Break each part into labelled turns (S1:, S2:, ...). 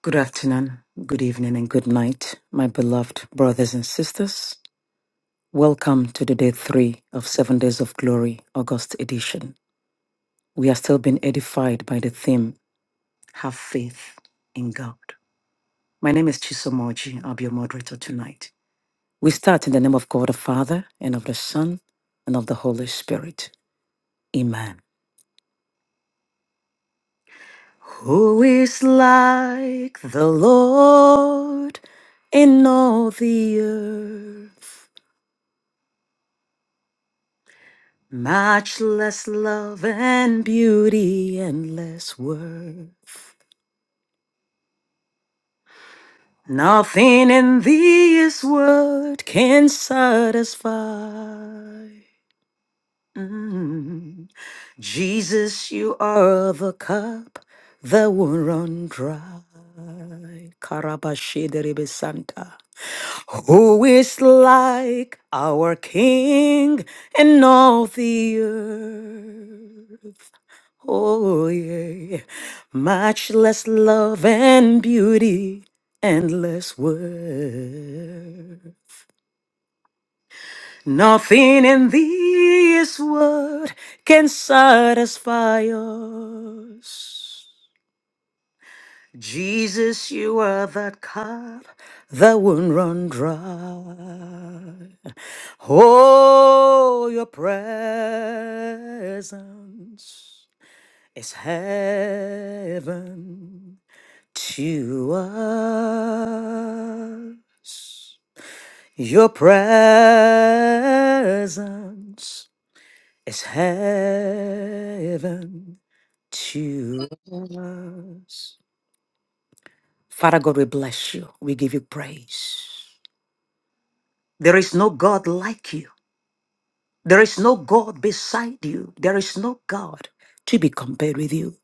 S1: Good afternoon, good evening, and good night, my beloved brothers and sisters. Welcome to the day three of Seven Days of Glory, August edition. We are still being edified by the theme, Have Faith in God. My name is Chisomoji. I'll be your moderator tonight. We start in the name of God the Father, and of the Son, and of the Holy Spirit. Amen. Who is like the Lord in all the earth? Much less love and beauty and less worth. Nothing in this world can satisfy. Mm. Jesus, you are the cup that will run dry. Karabashideribe Santa. Who is like our King in all the earth? Oh, yeah. Much less love and beauty and less worth. Nothing in this world can satisfy us. Jesus, you are that cup that won't run dry. Oh, your presence is heaven. to us. Your presence is heaven to us. Father God, we bless you. We give you praise. There is no God like you. There is no God beside you. There is no God to be compared with you.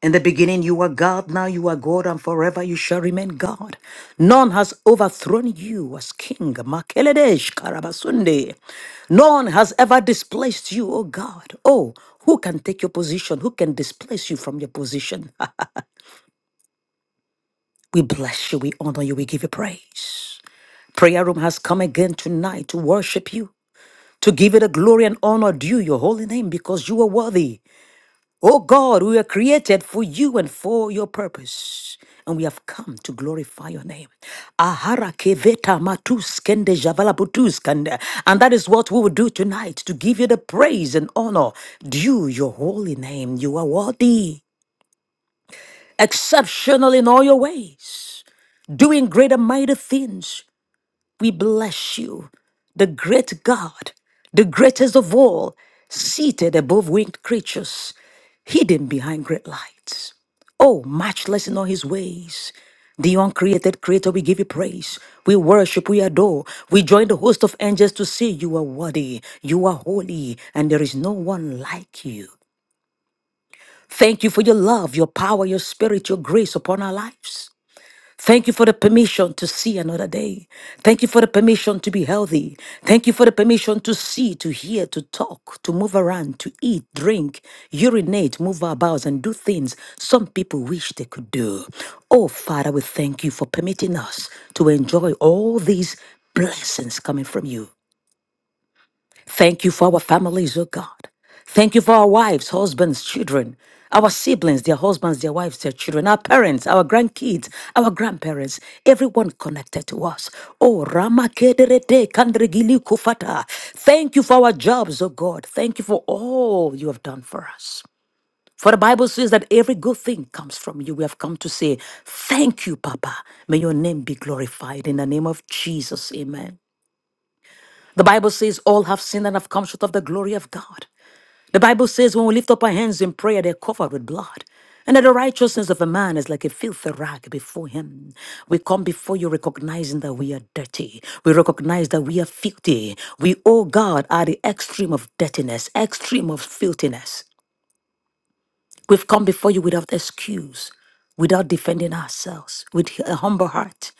S1: In the beginning, you were God, now you are God, and forever you shall remain God. None has overthrown you as king. Makeledesh Karabasunde. None has ever displaced you, O God. Oh, who can take your position? Who can displace you from your position? Ah, We bless you, we honor you, we give you praise. Prayer room has come again tonight to worship you, to give you the glory and honor due your holy name because you are worthy. Oh God, we were created for you and for your purpose. And we have come to glorify your name. Ahara keveta matus kende javala butus kende. And that is what we will do tonight to give you the praise and honor due your holy name. You are worthy, exceptional in all your ways, doing great and mighty things. We bless you, the great God, the greatest of all, seated above winged creatures, hidden behind great lights. Oh, matchless in all his ways. The uncreated creator, we give you praise. We worship, we adore. We join the host of angels to say, You are worthy, you are holy, and there is no one like you. Thank you for your love, your power, your spirit, your grace upon our lives. Thank you for the permission to see another day. Thank you for the permission to be healthy. Thank you for the permission to see, to hear, to talk, to move around, to eat, drink, urinate, move our bowels, and do things some people wish they could do. Oh, Father, we thank you for permitting us to enjoy all these blessings coming from you. Thank you for our families, oh God. Thank you for our wives, husbands, children, our siblings, their husbands, their wives, their children, our parents, our grandkids, our grandparents, everyone connected to us. Oh, Rama Kederete Kandregili Kufata. Thank you for our jobs, oh God. Thank you for all you have done for us. For the Bible says that every good thing comes from you. We have come to say, Thank you, Papa. May your name be glorified in the name of Jesus. Amen. The Bible says all have sinned and have come short of the glory of God. The Bible says when we lift up our hands in prayer, they're covered with blood. And that the righteousness of a man is like a filthy rag before him. We come before you recognizing that we are dirty. We recognize that we are filthy. We, oh God, are the extreme of dirtiness, extreme of filthiness. We've come before you without excuse, without defending ourselves, with a humble heart,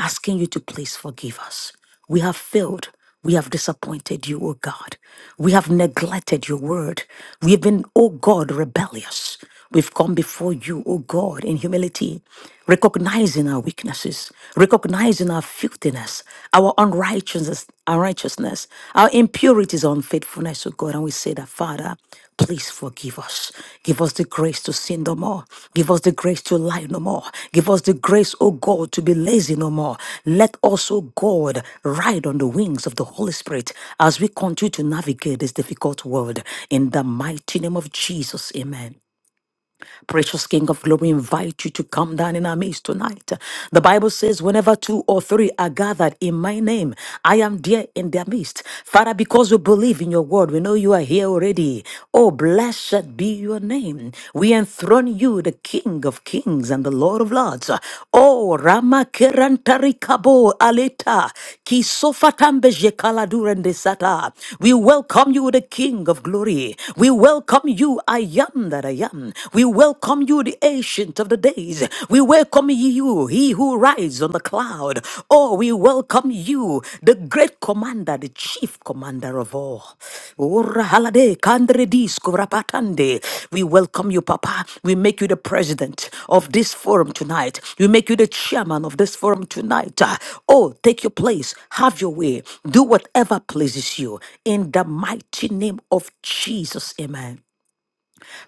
S1: asking you to please forgive us. We have failed. We have disappointed you, O God. We have neglected your word. We have been, O God, rebellious. We've come before you, O God, in humility, recognizing our weaknesses, recognizing our filthiness, our unrighteousness, unrighteousness, our impurities, unfaithfulness, O God. And we say that, Father, please forgive us. Give us the grace to sin no more. Give us the grace to lie no more. Give us the grace, O God, to be lazy no more. Let us, O God, ride on the wings of the Holy Spirit as we continue to navigate this difficult world. In the mighty name of Jesus, amen. Precious King of glory, we invite you to come down in our midst tonight. The Bible says, whenever two or three are gathered in my name, I am there in their midst. Father, because we believe in your word, we know you are here already. Oh, blessed be your name. We enthrone you, the King of kings and the Lord of lords. Oh, Rama Kerantarikabo Aleta, Kisofatambeje Kaladurende Sata. We welcome you, the King of glory. We welcome you, I am am that I am. We welcome you, the ancient of the days. We welcome you, he who rides on the cloud. Oh, we welcome you, the great commander, the chief commander of all. Ora halade kandre disko rapatande. We welcome you, Papa. We make you the president of this forum tonight. We make you the chairman of this forum tonight. Ah, Oh, take your place. Have your way. Do whatever pleases you. In the mighty name of Jesus. Amen.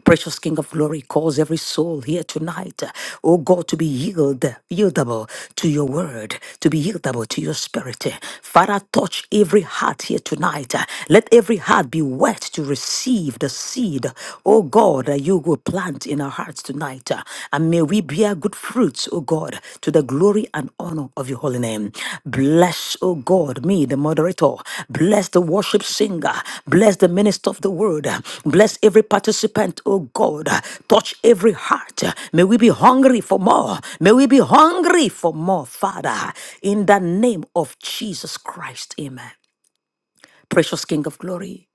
S1: Precious King of Glory, cause every soul here tonight, oh God, to be yield, yieldable to your word, to be yieldable to your spirit. Father, touch every heart here tonight. Let every heart be wet to receive the seed, oh God, that you will plant in our hearts tonight. And may we bear good fruits, oh God. God, to the glory and honor of your holy name. Bless, O God, me, the moderator. Bless the worship singer. Bless the minister of the word. Bless every participant, O God. Touch every heart. May we be hungry for more. May we be hungry for more, Father. In the name of Jesus Christ. Amen. Precious King of Glory.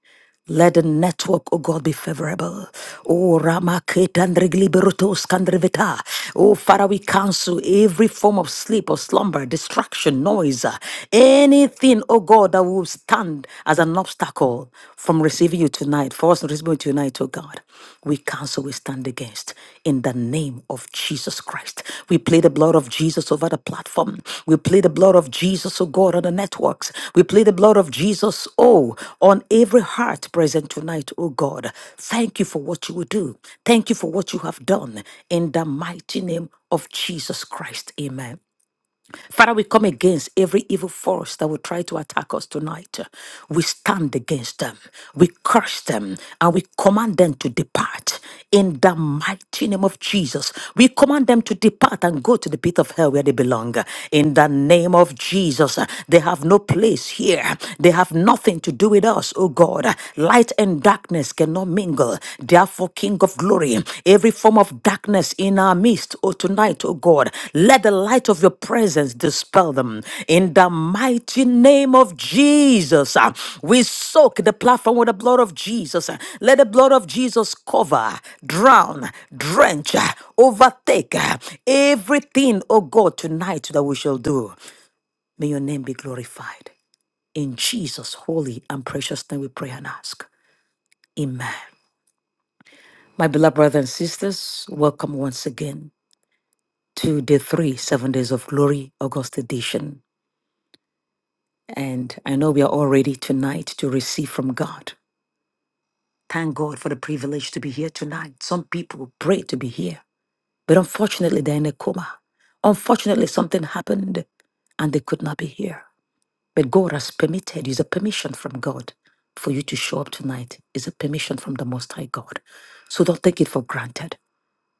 S1: Let the network, O God, be favorable. Oh, Ramaketandrigliberotoskandrivita. Oh, Father, we cancel every form of sleep or slumber, distraction, noise, uh, anything, oh God, that will stand as an obstacle from receiving you tonight, for us to receive you tonight, oh God. We cancel, we stand against. Christ. In the name of Jesus Christ. We play the blood of Jesus over the platform. We play the blood of Jesus, oh God, on the networks. We play the blood of Jesus, oh, on every heart present tonight, oh God. Thank you for what you will do. Thank you for what you have done. In the mighty name of Jesus Christ. Amen. Father, we come against every evil force that will try to attack us tonight. We stand against them, we curse them, and we command them to depart. In the mighty name of Jesus, we command them to depart and go to the pit of hell where they belong. In the name of Jesus, they have no place here. They have nothing to do with us, oh God. Light and darkness cannot mingle God. Therefore, King of glory, every form of darkness in our midst, oh, tonight, oh God, let the light of your presence dispel them. In the mighty name of Jesus, uh, we soak the platform with the blood of Jesus. Uh, Let the blood of Jesus cover, drown, drench, uh, overtake uh, everything, oh God, tonight that we shall do. May your name be glorified. In Jesus' holy and precious name, we pray and ask. Amen. My beloved brothers and sisters, welcome once again to day three, seven days of glory, August edition. And I know we are all ready tonight to receive from God. Thank God for the privilege to be here tonight. Some people pray to be here, but unfortunately, they're in a coma. Unfortunately, something happened and they could not be here. But God has permitted, is a permission from God for you to show up tonight, is a permission from the Most High God. So don't take it for granted.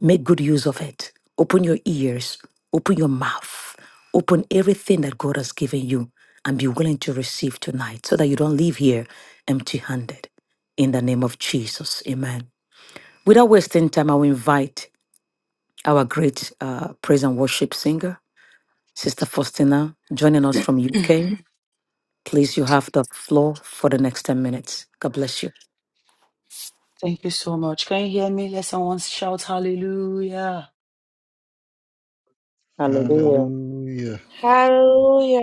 S1: Make good use of it. Open your ears, open your mouth, open everything that God has given you and be willing to receive tonight so that you don't leave here empty handed. In the name of Jesus, amen. Without wasting time, I will invite our great uh, praise and worship singer, Sister Faustina, joining us from UK. Please, you have the floor for the next 10 minutes. God bless you.
S2: Thank you so much. Can you hear me? Let someone shout hallelujah.
S3: Hallelujah.
S4: Hallelujah.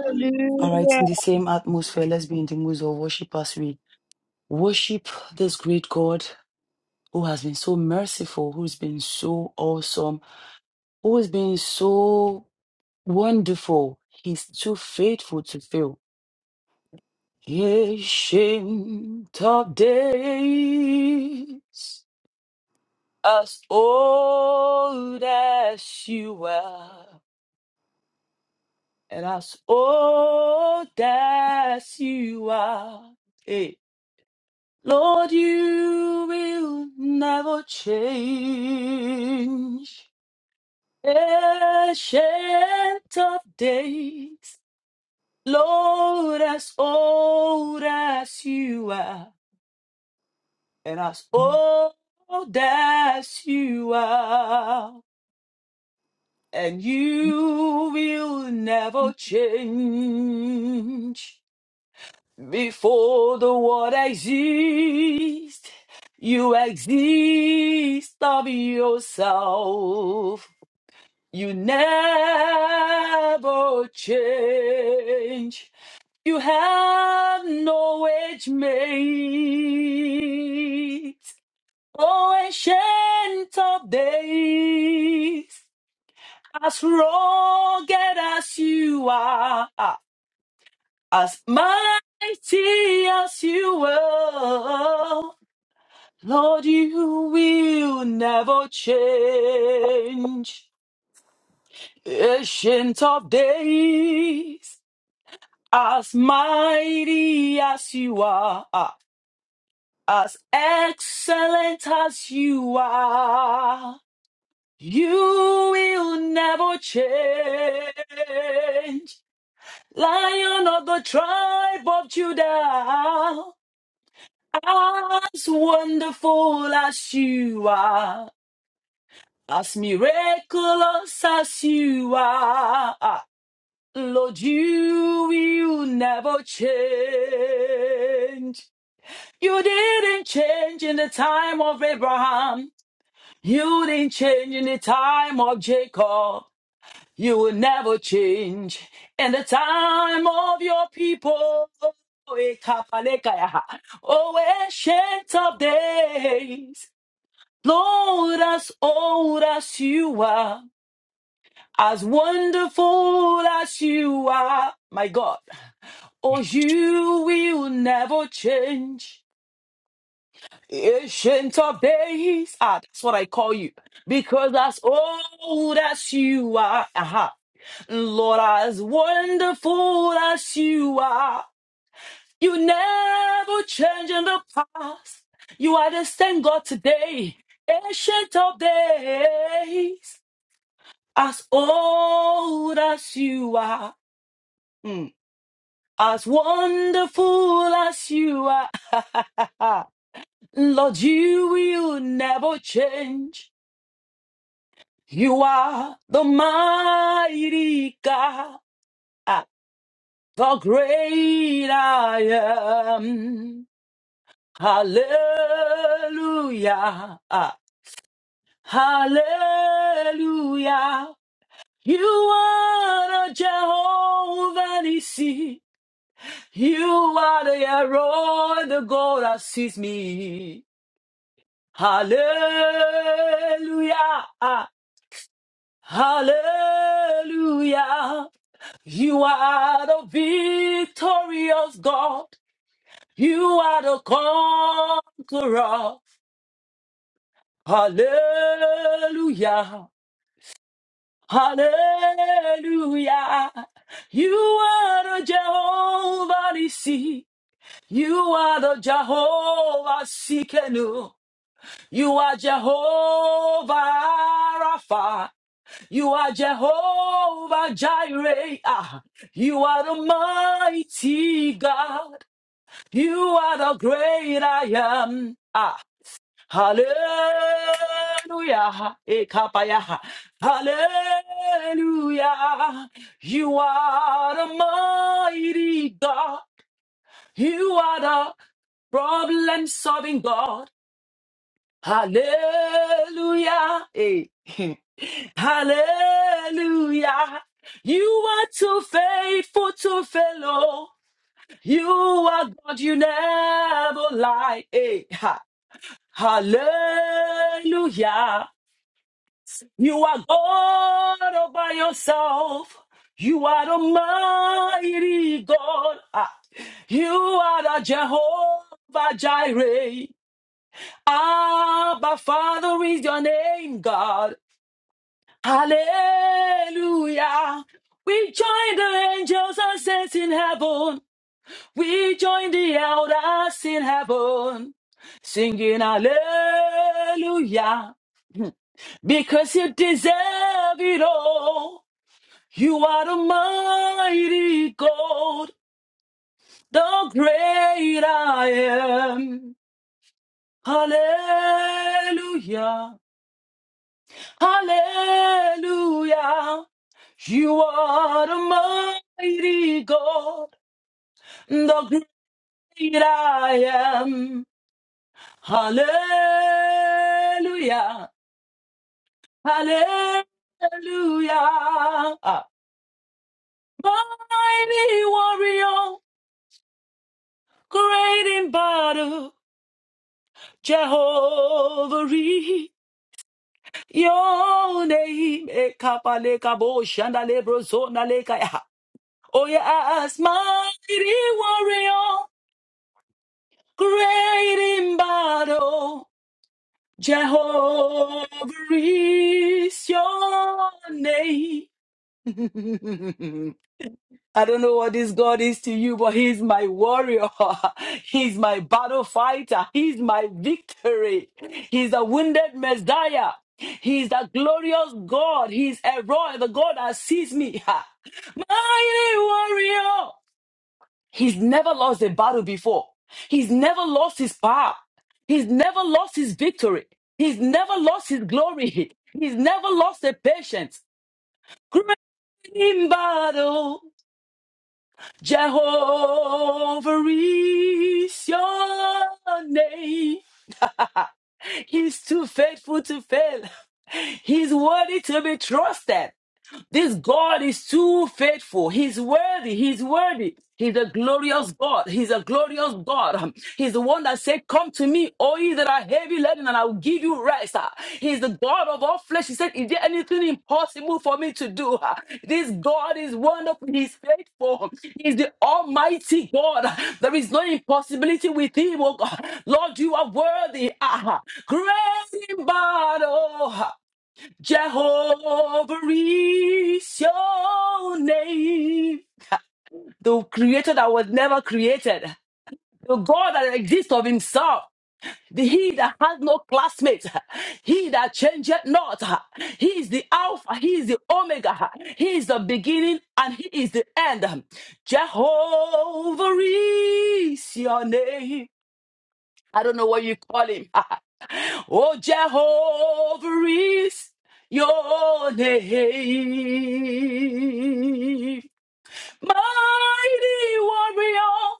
S5: Hallelujah.
S2: All
S6: Hallelujah.
S2: right, in the same atmosphere, let's be in the mood of worship as we worship this great God who has been so merciful, who's been so awesome, who has been so wonderful. He's too faithful to fail. Ancient of days, as old as you are. And as old as you are, hey, Lord, you will never change. Ancient of days, Lord, as old as you are, and as old as you are, and you will never change. Before the world exists, you exist of yourself. You never change. You have no age mate. Oh, ancient of days, as rugged as you are. As mighty as you are, Lord, you will never change. Ancient of days, as mighty as you are, as excellent as you are, you will never change. Lion of the tribe of Judah. As wonderful as you are, as miraculous as you are, ah, Lord, you will never change. You didn't change in the time of Abraham. You didn't change in the time of Jacob. You will never change in the time of your people. Always shades of days. Lord, as old as you are, as wonderful as you are, my God, oh, you will never change. Ancient of days, ah, that's what I call you, because as old as you are, aha, Lord, as wonderful as you are, you never change in the past. You are the same God today, ancient of days. as old as you are, mm, as wonderful as you are. Lord, you will never change. You are the mighty God, ah, the great I am. Hallelujah. ah, Hallelujah. You are the Jehovah Nissi. You are the arrow, the God that sees me. Hallelujah. Hallelujah. You are the victorious God. You are the conqueror. Hallelujah. Hallelujah. You are the Jehovah Nissi. You are the Jehovah Sikenu. You are Jehovah Rapha. You are Jehovah Jireh. Ah, You are the mighty God. You are the great I am. Ah, hallelujah. Ekapaya. Hallelujah. You are the mighty God. You are the problem solving God. Hallelujah. Hey. Hallelujah. You are too faithful to fail. oh. You are God, you never lie. Hey. Ha. Hallelujah. You are God all by yourself. You are the mighty God. Ah. You are the Jehovah Jireh. Abba, Father is your name, God. Hallelujah. We join the angels and saints in heaven. We join the elders in heaven. Singing hallelujah. Because you deserve it all. You are the mighty God, the great I am. Hallelujah. Hallelujah. You are the mighty God, the great I am. Hallelujah. Hallelujah. Ah. Mighty warrior, great in battle, Jehovah. Re- Your name, Ekapalekaboshandalebrozonalekaya. Oh yes, mighty warrior, great in battle, Jehovah is your name. I don't know what this God is to you, but He's my warrior. He's my battle fighter. He's my victory. He's the wounded Messiah. He's the glorious God. He's a royal, the God that sees me. Mighty warrior. He's never lost a battle before. He's never lost his power. He's never lost his victory. He's never lost his glory. He's never lost a patience. Great in battle, Jehovah is your name. He's too faithful to fail. He's worthy to be trusted. This God is too faithful. He's worthy. He's worthy. He's a glorious God. He's a glorious God. Um, He's the one that said, Come to me, all ye that are heavy laden, and I will give you rest. Ah, He's the God of all flesh. He said, Is there anything impossible for me to do? Ah, This God is wonderful. He's faithful. He's the Almighty God. There is no impossibility with Him, oh God. Lord, you are worthy. Ah, Great in battle. Jehovah is your name. The creator that was never created. The God that exists of himself. The he that has no classmate. He that changeth not. He is the Alpha. He is the Omega. He is the beginning and he is the end. Jehovah is your name. I don't know what you call him. Oh, Jehovah is your name. Mighty warrior,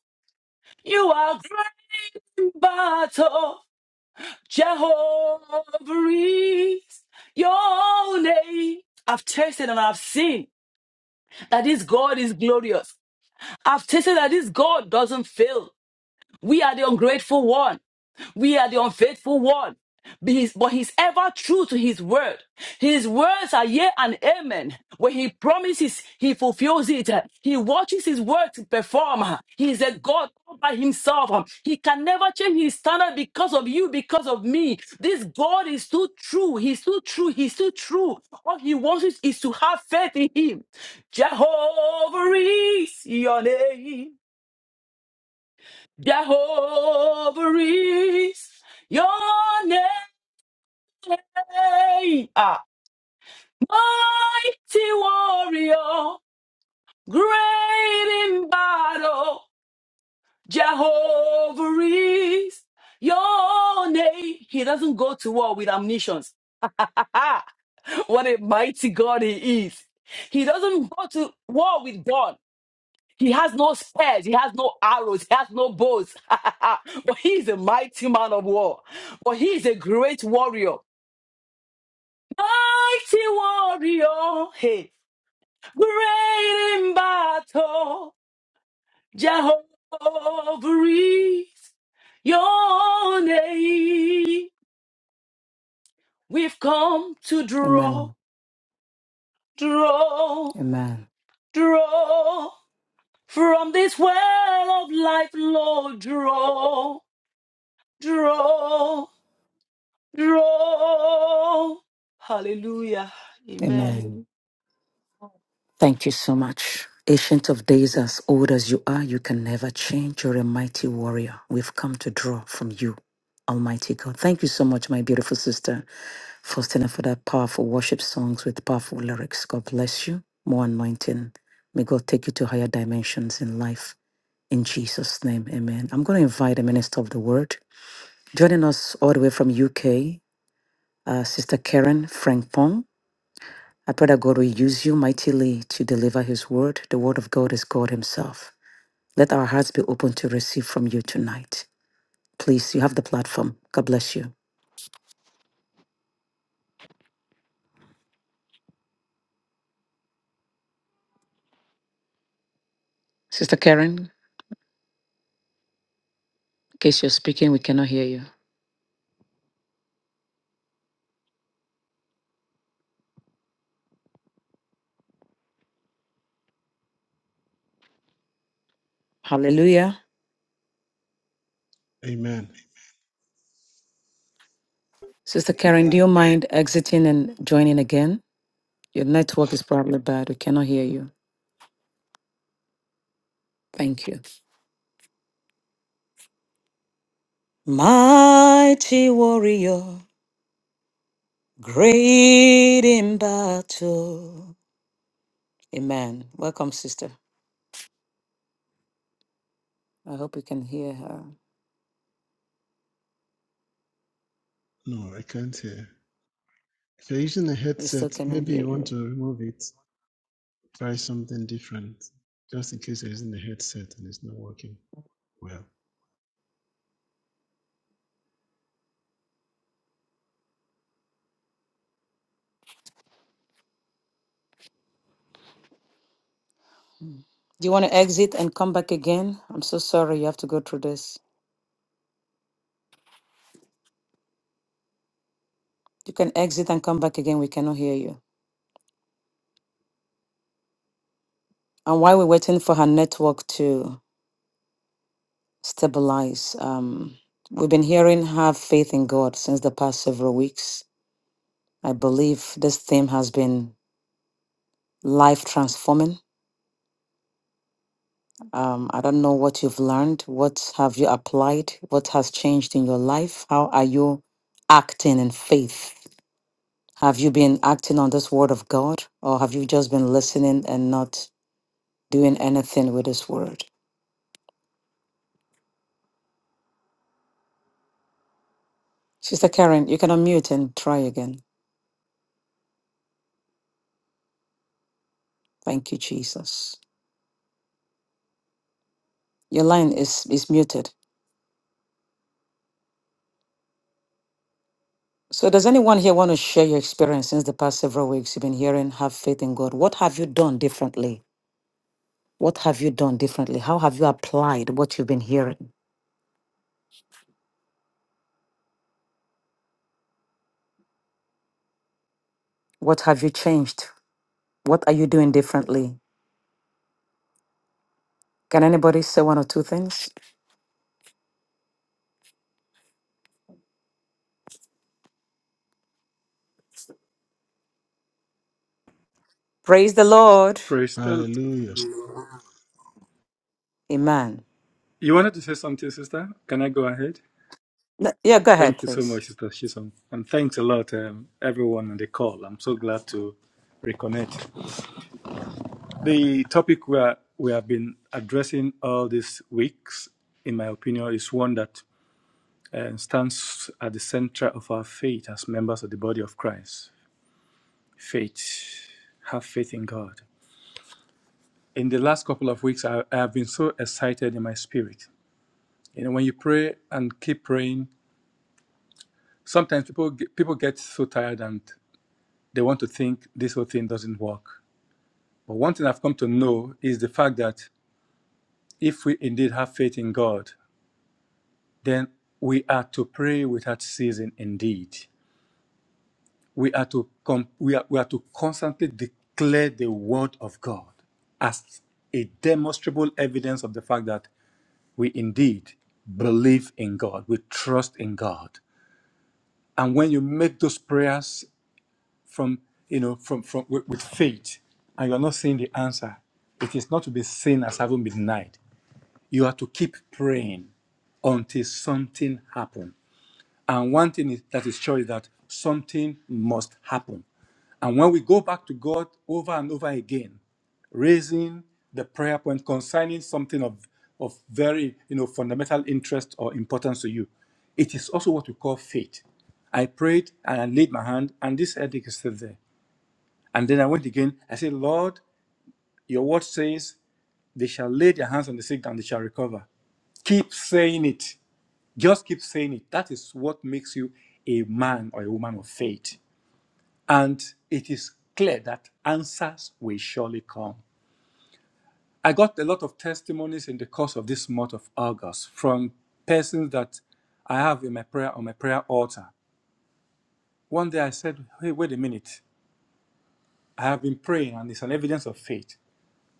S2: you are great in battle. Jehovah is your name. I've tasted and I've seen that this God is glorious. I've tasted that this God doesn't fail. We are the ungrateful one. We are the unfaithful one. But he's, but he's ever true to his word. His words are yea and amen. When he promises, he fulfills it. He watches his word to perform. He is a God all by himself. He can never change his standard because of you, because of me. This God is too true. He's too true. He's too true. All he wants is, is to have faith in him. Jehovah is your name. Jehovah is your name. Ah, mighty warrior, great in battle. Jehovah is your name. He doesn't go to war with omniscience. what a mighty God he is. He doesn't go to war with God. He has no spears, he has no arrows, he has no bows. but he is a mighty man of war. But he is a great warrior. Mighty warrior, hey, great in battle. Jehovah is your name. We've come to draw,
S1: Amen.
S2: draw,
S1: Amen.
S2: draw from this well of life, Lord. Draw, draw. Draw. Hallelujah. Amen.
S1: Amen. Thank you so much. Ancient of days, as old as you are, you can never change. You're a mighty warrior. We've come to draw from you, Almighty God. Thank you so much, my beautiful sister, Faustina, for that powerful worship songs with powerful lyrics. God bless you. More anointing. May God take you to higher dimensions in life. In Jesus' name, amen. I'm going to invite a minister of the word. Joining us all the way from UK, uh, Sister Karen Frank I pray that God will use you mightily to deliver His word. The word of God is God Himself. Let our hearts be open to receive from you tonight. Please, you have the platform. God bless you. Sister Karen, in case you're speaking, we cannot hear you. Hallelujah.
S3: Amen.
S1: Sister Karen, do
S5: Amen.
S1: you mind exiting and joining again? Your network is probably bad. We cannot hear you. Thank you. Mighty warrior, great in battle. Amen. Welcome, sister. I hope you can hear her.
S3: No, I can't hear. If you're using a
S1: We still
S3: headset,
S1: cannot
S3: maybe
S1: hear
S3: you want
S1: you.
S3: to remove it, try something different, just in case you're using a headset and it's not working well.
S1: Do you want to exit and come back again? I'm so sorry you have to go through this. You can exit and come back again. We cannot hear you. And while we're waiting for her network to stabilize, um, we've been hearing have faith in God since the past several weeks. I believe this theme has been life transforming. Um, I don't know what you've learned. What have you applied? What has changed in your life? How are you acting in faith? Have you been acting on this word of God, or have you just been listening and not doing anything with this word? Sister Karen, you can unmute and try again. Thank you, Jesus. Your line is, is muted. So, does anyone here want to share your experience since the past several weeks you've been hearing, have faith in God? What have you done differently? What have you done differently? How have you applied what you've been hearing? What have you changed? What are you doing differently? Can anybody say one or two things? Praise the Lord.
S7: Praise the
S3: Hallelujah.
S1: Amen.
S7: You wanted to say something, sister? Can I go ahead?
S1: No, Yeah, go ahead,
S7: Thank you so
S1: please.
S7: much, Sister Shison. And thanks a lot, um, everyone on the call. I'm so glad to reconnect. The topic we, are, we have been addressing all these weeks, in my opinion, is one that uh, stands at the center of our faith as members of the body of Christ. Faith. Have faith in God. In the last couple of weeks, I, I have been so excited in my spirit. You know, when you pray and keep praying, sometimes people get, people get so tired and they want to think this whole thing doesn't work. But one thing I've come to know is the fact that if we indeed have faith in God, then we are to pray without ceasing. Indeed, we are to com- we are we are to constantly declare the word of God as a demonstrable evidence of the fact that we indeed believe in God, we trust in God. And when you make those prayers from you know from from with, with faith and you are not seeing the answer it is not to be seen as having been denied you have to keep praying until something happens. and one thing is, that is sure is that something must happen and when we go back to god over and over again raising the prayer point concerning something of of very you know fundamental interest or importance to you it is also what we call faith i prayed and i laid my hand and this headache is still there and then I went again. I said, Lord, your word says they shall lay their hands on the sick and they shall recover. Keep saying it. Just keep saying it. That is what makes you a man or a woman of faith. And it is clear that answers will surely come. I got a lot of testimonies in the course of this month of August from persons that I have in my prayer on my prayer altar. One day I said, Hey, wait a minute. I have been praying and it's an evidence of faith.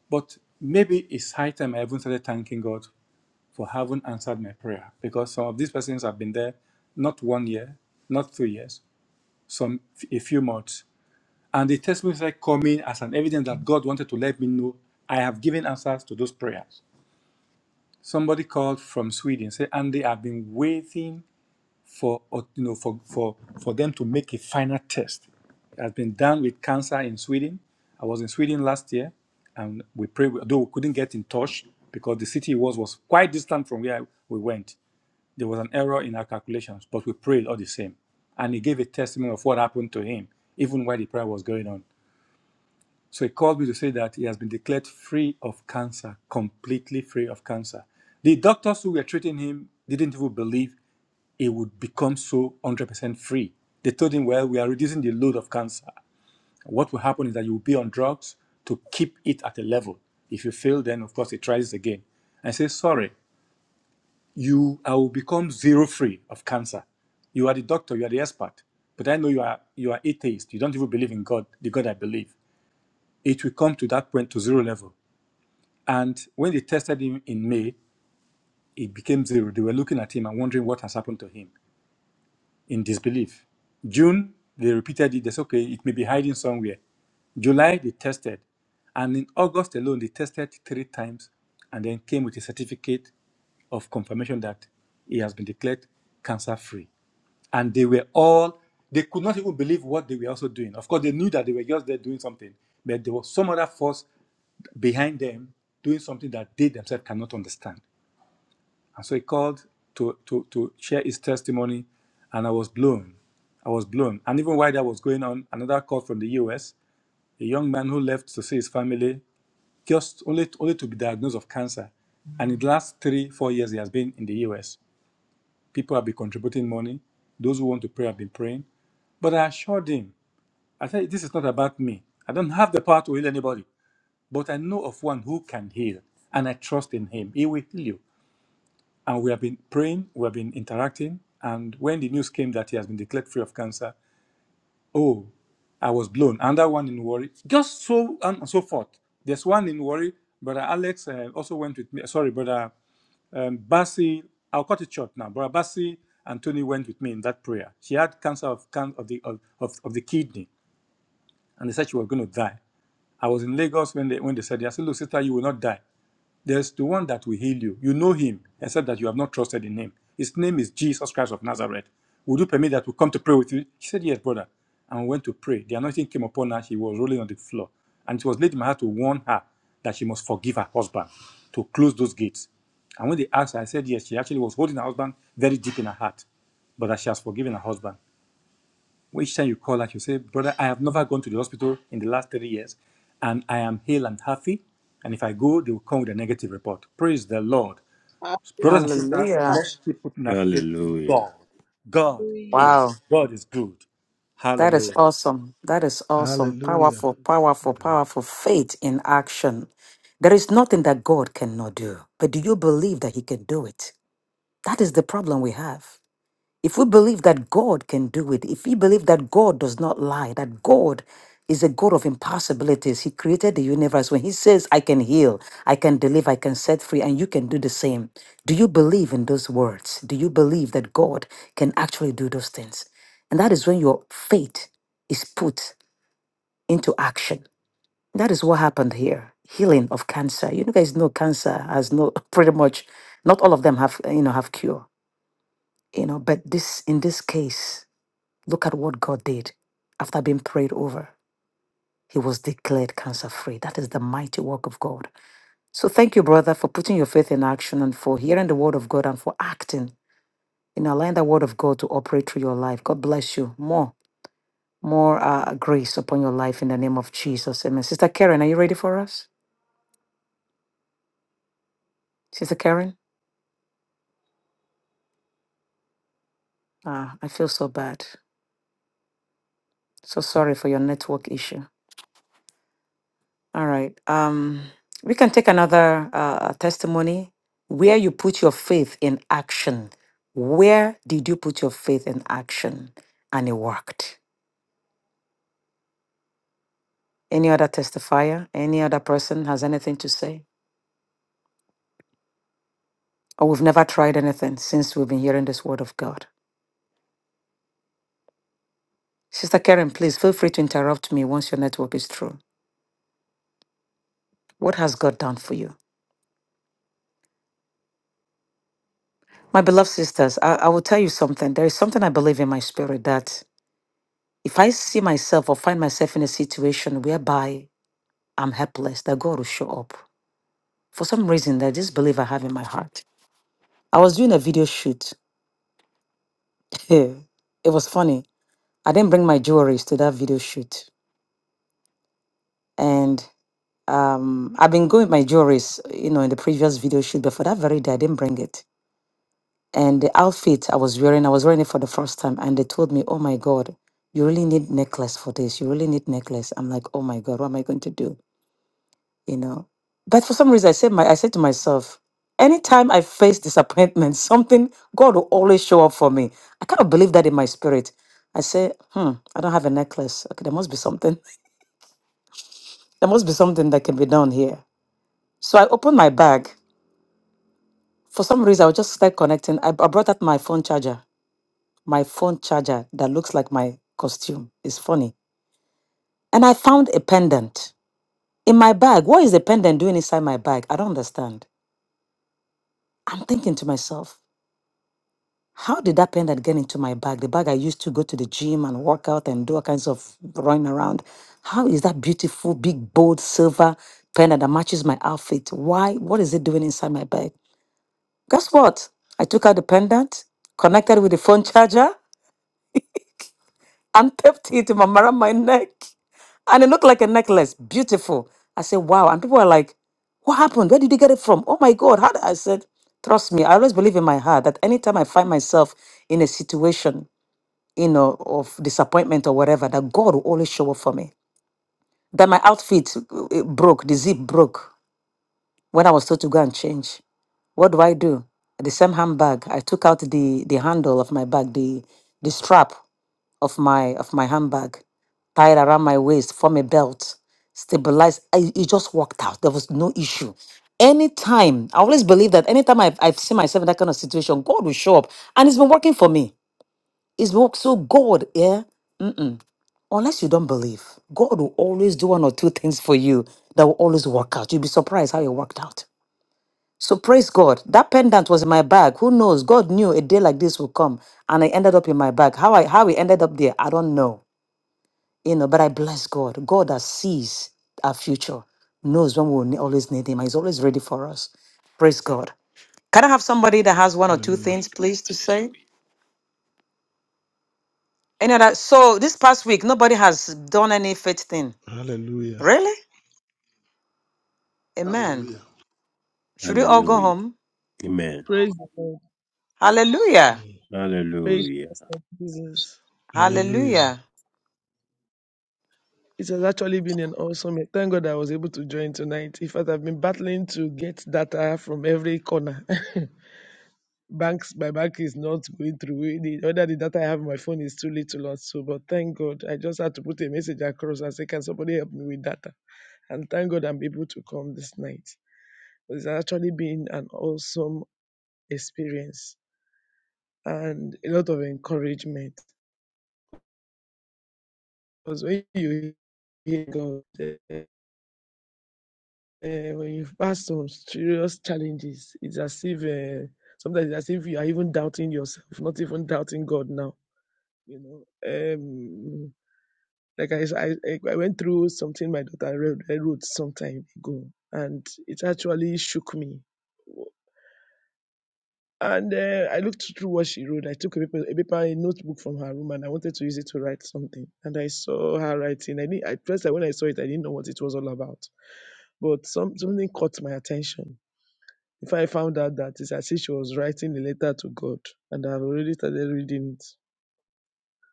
S7: But maybe it's high time I even started thanking God for having answered my prayer because some of these persons have been there not one year, not two years, some a few months. And the testimonies are coming as an evidence that God wanted to let me know I have given answers to those prayers. Somebody called from Sweden, said, Andy, I've been waiting for you know for, for for them to make a final test. It has been done with cancer in Sweden. I was in Sweden last year, and we prayed. Though we couldn't get in touch because the city was was quite distant from where we went. There was an error in our calculations, but we prayed all the same. And he gave a testimony of what happened to him, even while the prayer was going on. So he called me to say that he has been declared free of cancer, completely free of cancer. The doctors who were treating him didn't even believe it would become so 100% free. They told him, well, we are reducing the load of cancer. What will happen is that you will be on drugs to keep it at a level. If you fail, then of course it rises again. And say, sorry, you I will become zero free of cancer. You are the doctor, you are the expert. But I know you are you are atheist. You don't even believe in God, the God I believe. It will come to that point to zero level. And when they tested him in May, it became zero. They were looking at him and wondering what has happened to him. in disbelief. June, they repeated it. They said, okay, it may be hiding somewhere. July, they tested. And in August alone, they tested three times and then came with a certificate of confirmation that he has been declared cancer free. And they were all, they could not even believe what they were also doing. Of course, they knew that they were just there doing something, but there was some other force behind them doing something that they themselves cannot understand. And so he called to, to, to share his testimony, and I was blown. I was blown. And even while that was going on, another call from the US, a young man who left to see his family, just only, only to be diagnosed of cancer. And in the last three, four years, he has been in the US. People have been contributing money. Those who want to pray have been praying. But I assured him, I said, this is not about me. I don't have the power to heal anybody, but I know of one who can heal, and I trust in him. He will heal you and we have been praying, we have been interacting. And when the news came that he has been declared free of cancer, oh, I was blown. Another one in worry, just so on and so forth. There's one in worry. Brother Alex uh, also went with me. Sorry, brother um, Basi. I'll cut it short now. Brother Basi and Tony went with me in that prayer. She had cancer of can- of the of, of, of the kidney, and they said she was going to die. I was in Lagos when they when they said, "I said, look, sister, you will not die." There's the one that will heal you. You know him, except that you have not trusted in him. His name is Jesus Christ of Nazareth. Would you permit that we come to pray with you? She said, Yes, brother. And we went to pray. The anointing came upon her. She was rolling on the floor. And it was laid in my heart to warn her that she must forgive her husband to close those gates. And when they asked her, I said, Yes, she actually was holding her husband very deep in her heart, but that she has forgiven her husband. Each time you call and you say, Brother, I have never gone to the hospital in the last three years, and I am hale and healthy. And if I go, they will come with a negative report. Praise the Lord. Brothers and sisters,
S1: Hallelujah.
S7: let's keep putting our faith in
S8: Hallelujah.
S7: God. God
S9: Hallelujah.
S1: Wow.
S7: heals. God is good.
S1: That is
S7: Hallelujah.
S1: awesome. That is awesome.
S3: Hallelujah.
S1: Powerful, powerful,
S3: Yeah.
S1: powerful faith in action. There is nothing that God cannot do. But do you believe that He can do it? That is the problem we have. If we believe that God can do it, if we believe that God does not lie, that God is a God of impossibilities, He created the universe. When He says, I can heal, I can deliver, I can set free, and you can do the same, do you believe in those words? Do you believe that God can actually do those things? And that is when your faith is put into action. That is what happened here. Healing of cancer. You guys know cancer has no pretty much not all of them have you know have cure. You know, but this in this case Look at what God did. After being prayed over, he was declared cancer free. That is the mighty work of God. So thank you, brother, for putting your faith in action and for hearing the word of God and for acting in allowing the word of God to operate through your life. God bless you. More, more uh, grace upon your life in the name of Jesus. Amen. Sister Karen, are you ready for us? Sister Karen? Ah, I feel so bad. So sorry for your network issue. All right. Um, we can take another uh, testimony where you put your faith in action. Where did you put your faith in action and it worked? Any other testifier? Any other person has anything to say? Or we've never tried anything since we've been hearing this word of God. Sister Karen, please feel free to interrupt me once your network is through. What has God done for you? My beloved sisters, I, I will tell you something. There is something I believe in my spirit that if I see myself or find myself in a situation whereby I'm helpless, that God will show up. For some reason, that this belief I have in my heart. I was doing a video shoot. it was funny. I didn't bring my jewelries to that video shoot. And um, I've been going with my jewelries, you know, in the previous video shoot, but for that very day, I didn't bring it. And the outfit I was wearing, I was wearing it for the first time. And they told me, oh my God, you really need necklace for this. You really need necklace. I'm like, oh my God, what am I going to do? you know. But for some reason, I said my I said to myself, anytime I face disappointment, something God will always show up for me. I kind of believe that in my spirit. I say, hmm, I don't have a necklace. Okay, there must be something. There must be something that can be done here. So I opened my bag. For some reason, I was just like connecting. I, I brought out my phone charger, my phone charger that looks like my costume. It's funny. And I found a pendant in my bag. What is the pendant doing inside my bag? I don't understand. I'm thinking to myself, How did that pendant get into my bag? The bag I used to go to the gym and work out and do all kinds of running around. How is that beautiful, big, bold silver pendant that matches my outfit? Why? What is it doing inside my bag? Guess what? I took out the pendant, connected with the phone charger, and taped it to my- around my neck. And it looked like a necklace. Beautiful. I said, wow. And people are like, what happened? Where did you get it from? Oh my God. How did I said, trust me, I always believe in my heart that anytime I find myself in a situation you know, of disappointment or whatever, that God will always show up for me. That my outfit uh, it broke, the zip broke when I was told to go and change. What do I do? The same handbag, I took out the the handle of my bag, the the strap of my of my handbag, tied around my waist, form a belt, stabilized. I, it just worked out. There was no issue. Anytime, I always believe that anytime I've, I've seen myself in that kind of situation, God will show up. And it's been working for me. It's been work- so God, yeah. Unless you don't believe, God will always do one or two things for you that will always work out. You'll be surprised how it worked out. So praise God. That pendant was in my bag. Who knows? God knew a day like this would come, and I ended up in my bag. How I how it ended up there, I don't know. You know, but I bless God. God that sees our future knows when we will ne- always need Him. and He's always ready for us. Praise God. Can I have somebody that has one or two
S3: Hallelujah.
S1: things, please, to say? Any other? So this past week, nobody has done any faith thing.
S3: Hallelujah.
S1: Really? Amen.
S10: Hallelujah.
S1: Should we all go
S8: Hallelujah.
S1: home?
S8: Amen.
S11: Praise the Lord.
S1: Hallelujah.
S3: Mm.
S11: Praise
S8: Hallelujah.
S11: Pastor Jesus.
S3: Hallelujah.
S1: Hallelujah.
S11: It has actually been an awesome. Thank God I was able to join tonight. In fact, I've been battling to get data from every corner. Banks, my bank is not going through. The other the data I have on my phone is too little also. But thank God, I just had to put a message across and say, "Can somebody help me with data?" And thank God I'm able to come this night. It's actually been an awesome experience and a lot of encouragement. Because when you hear God, eh, uh, when you pass some serious challenges, it's as if uh, sometimes it's as if you are even doubting yourself, not even doubting God now. You know, um, like I, I, like, I went through something my daughter wrote, I wrote some time ago, and it actually shook me. And uh, I looked through what she wrote. I took a paper, a paper, a notebook from her room, and I wanted to use it to write something. And I saw her writing. I didn't, at first, when I saw it, I didn't know what it was all about. But some, something caught my attention Before I found out that it's as if she was writing a letter to God, and I've already started reading it.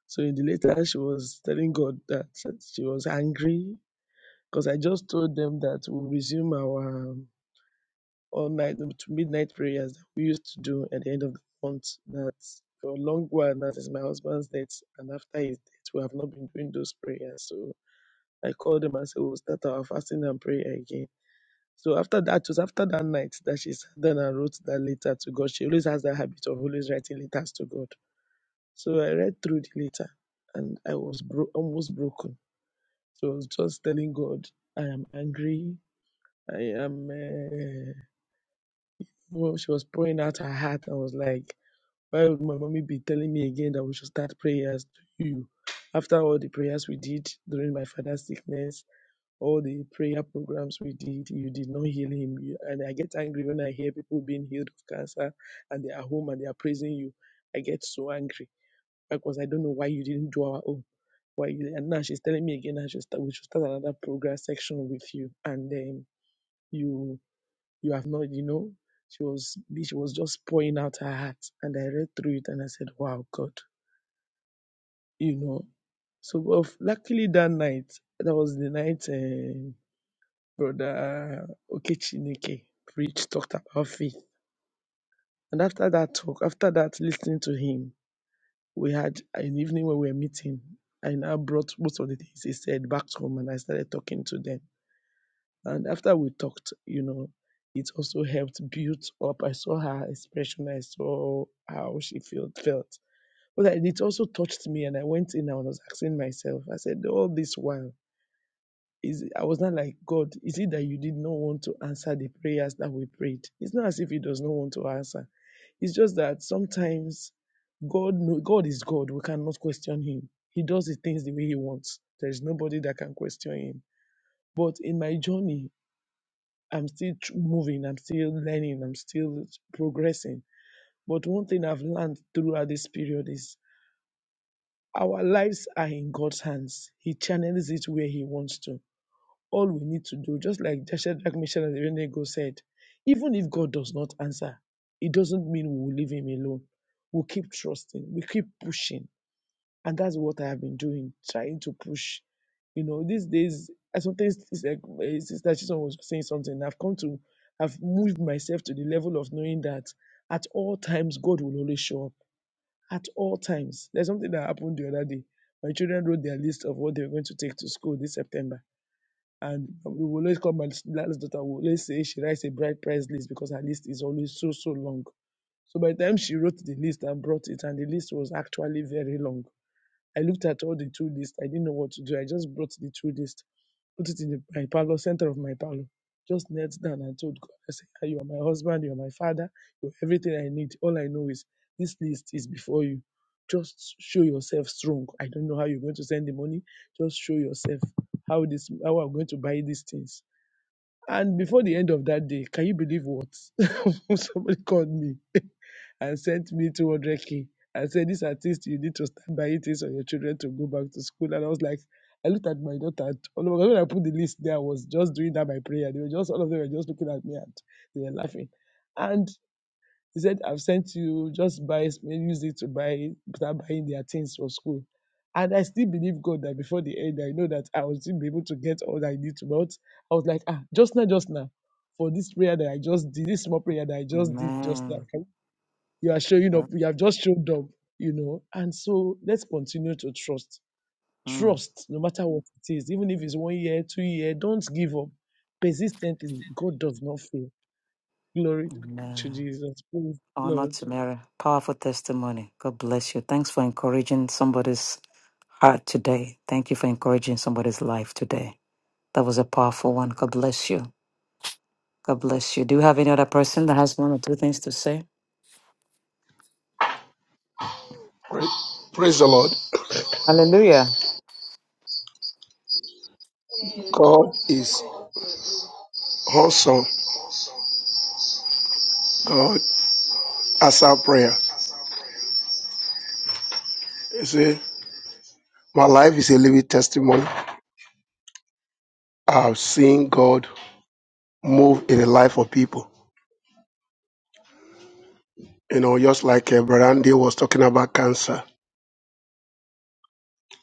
S11: So in the letter, she was telling God that she was angry because I just told them that we'll resume our um, all night to midnight prayers that we used to do at the end of the month. That for a long while, that is my husband's death, and after his death, we have not been doing those prayers. So I called them and said we'll start our fasting and prayer again. So after that, it was after that night that she sat down and wrote that letter to God. She always has that habit of always writing letters to God. So I read through the letter and I was bro- almost broken. So I was just telling God, I am angry. I am. Uh, well, she was pouring out her heart and was like, Why would my mommy be telling me again that we should start prayers to you? After all the prayers we did during my father's sickness, all the prayer programs we did, you did not heal him. You- And I get angry when I hear people being healed of cancer and they are home and they are praising you. I get so angry because I don't know why you didn't do our own. Why you, and now she's telling me again I should start, we should start another program section with you. And um, you you have not, you know, she was she was just pouring out her heart. And I read through it and I said, Wow, God, you know. So but luckily that night, that was the night. Uh, Brother Okechineke preached, talked about faith. And after that talk, after that listening to him, we had an evening where we were meeting. I now brought most of the things he said back to home and I started talking to them. And after we talked, you know, it also helped build up. I saw her expression, I saw how she felt felt. But it also touched me and I went in and I was asking myself, I said, all this while Is I was not like God. Is it that you did not want to answer the prayers that we prayed? It's not as if He does not want to answer. It's just that sometimes God, know, God is God. We cannot question Him. He does the things the way He wants. There is nobody that can question Him. But in my journey, I'm still tr- moving. I'm still learning. I'm still progressing. But one thing I've learned throughout this period is our lives are in God's hands. He channels it where He wants to all we need to do, just like Shadrach, Meshach, and Abednego said, even if God does not answer, it doesn't mean we will leave him alone. We'll keep trusting, we keep pushing. And that's what I have been doing, trying to push. You know, these days, I sometimes it's like eh, Sister Chison was saying something. I've come to, I've moved myself to the level of knowing that at all times, God will always show up. At all times. There's something that happened the other day. My children wrote their list of what they were going to take to school this September and we will always come and Lala's daughter will always say she writes a bride price list because her list is always so so long. So by the time she wrote the list and brought it, and the list was actually very long. I looked at all the two lists. I didn't know what to do. I just brought the two lists, put it in the, my parlor, center of my parlor. Just knelt down and told God, I said, "Ah, You are my husband, you are my father, you are everything I need. All I know is this list is before you. Just show yourself strong. I don't know how you're going to send the money. Just show yourself how this how I'm going to buy these things and before the end of that day, can you believe what? Somebody called me and sent me 200K and said, This artist, you need to start buying things for your children to go back to school. And I was like, I looked at my daughter. And, oh no, when I put the list there, I was just doing that by prayer. They were just, all of them were just looking at me and they were laughing. And he said, I've sent you, just buy, use it to buy, start buying their things for school. And I still believe God that before the end, I know that I will still be able to get all I need to. But I was like, ah, just now, just now, for this prayer that I just did, this small prayer that I just did just now,
S1: Amen.
S11: can- you are showing
S1: Yeah.
S11: up, you have just showed up, you know. And so let's continue to trust.
S1: Mm.
S11: Trust, no matter what it is, even if it's one year, two year, don't give up. Persistently, God does not fail. Glory to
S1: Amen.
S11: Jesus. Praise
S1: Honor
S11: Lord.
S1: to Mary. Powerful testimony. God bless you. Thanks for encouraging somebody's heart today. Thank you for encouraging somebody's life today. That was a powerful one. God bless you. God bless you. Do you have any other person that has one or two things to say?
S10: Praise, praise the Lord.
S1: Hallelujah.
S10: God is awesome. God answers our prayer. You see, my life is a living testimony. I've seen God move in the life of people. You know, just like uh, Brother Andy was talking about cancer.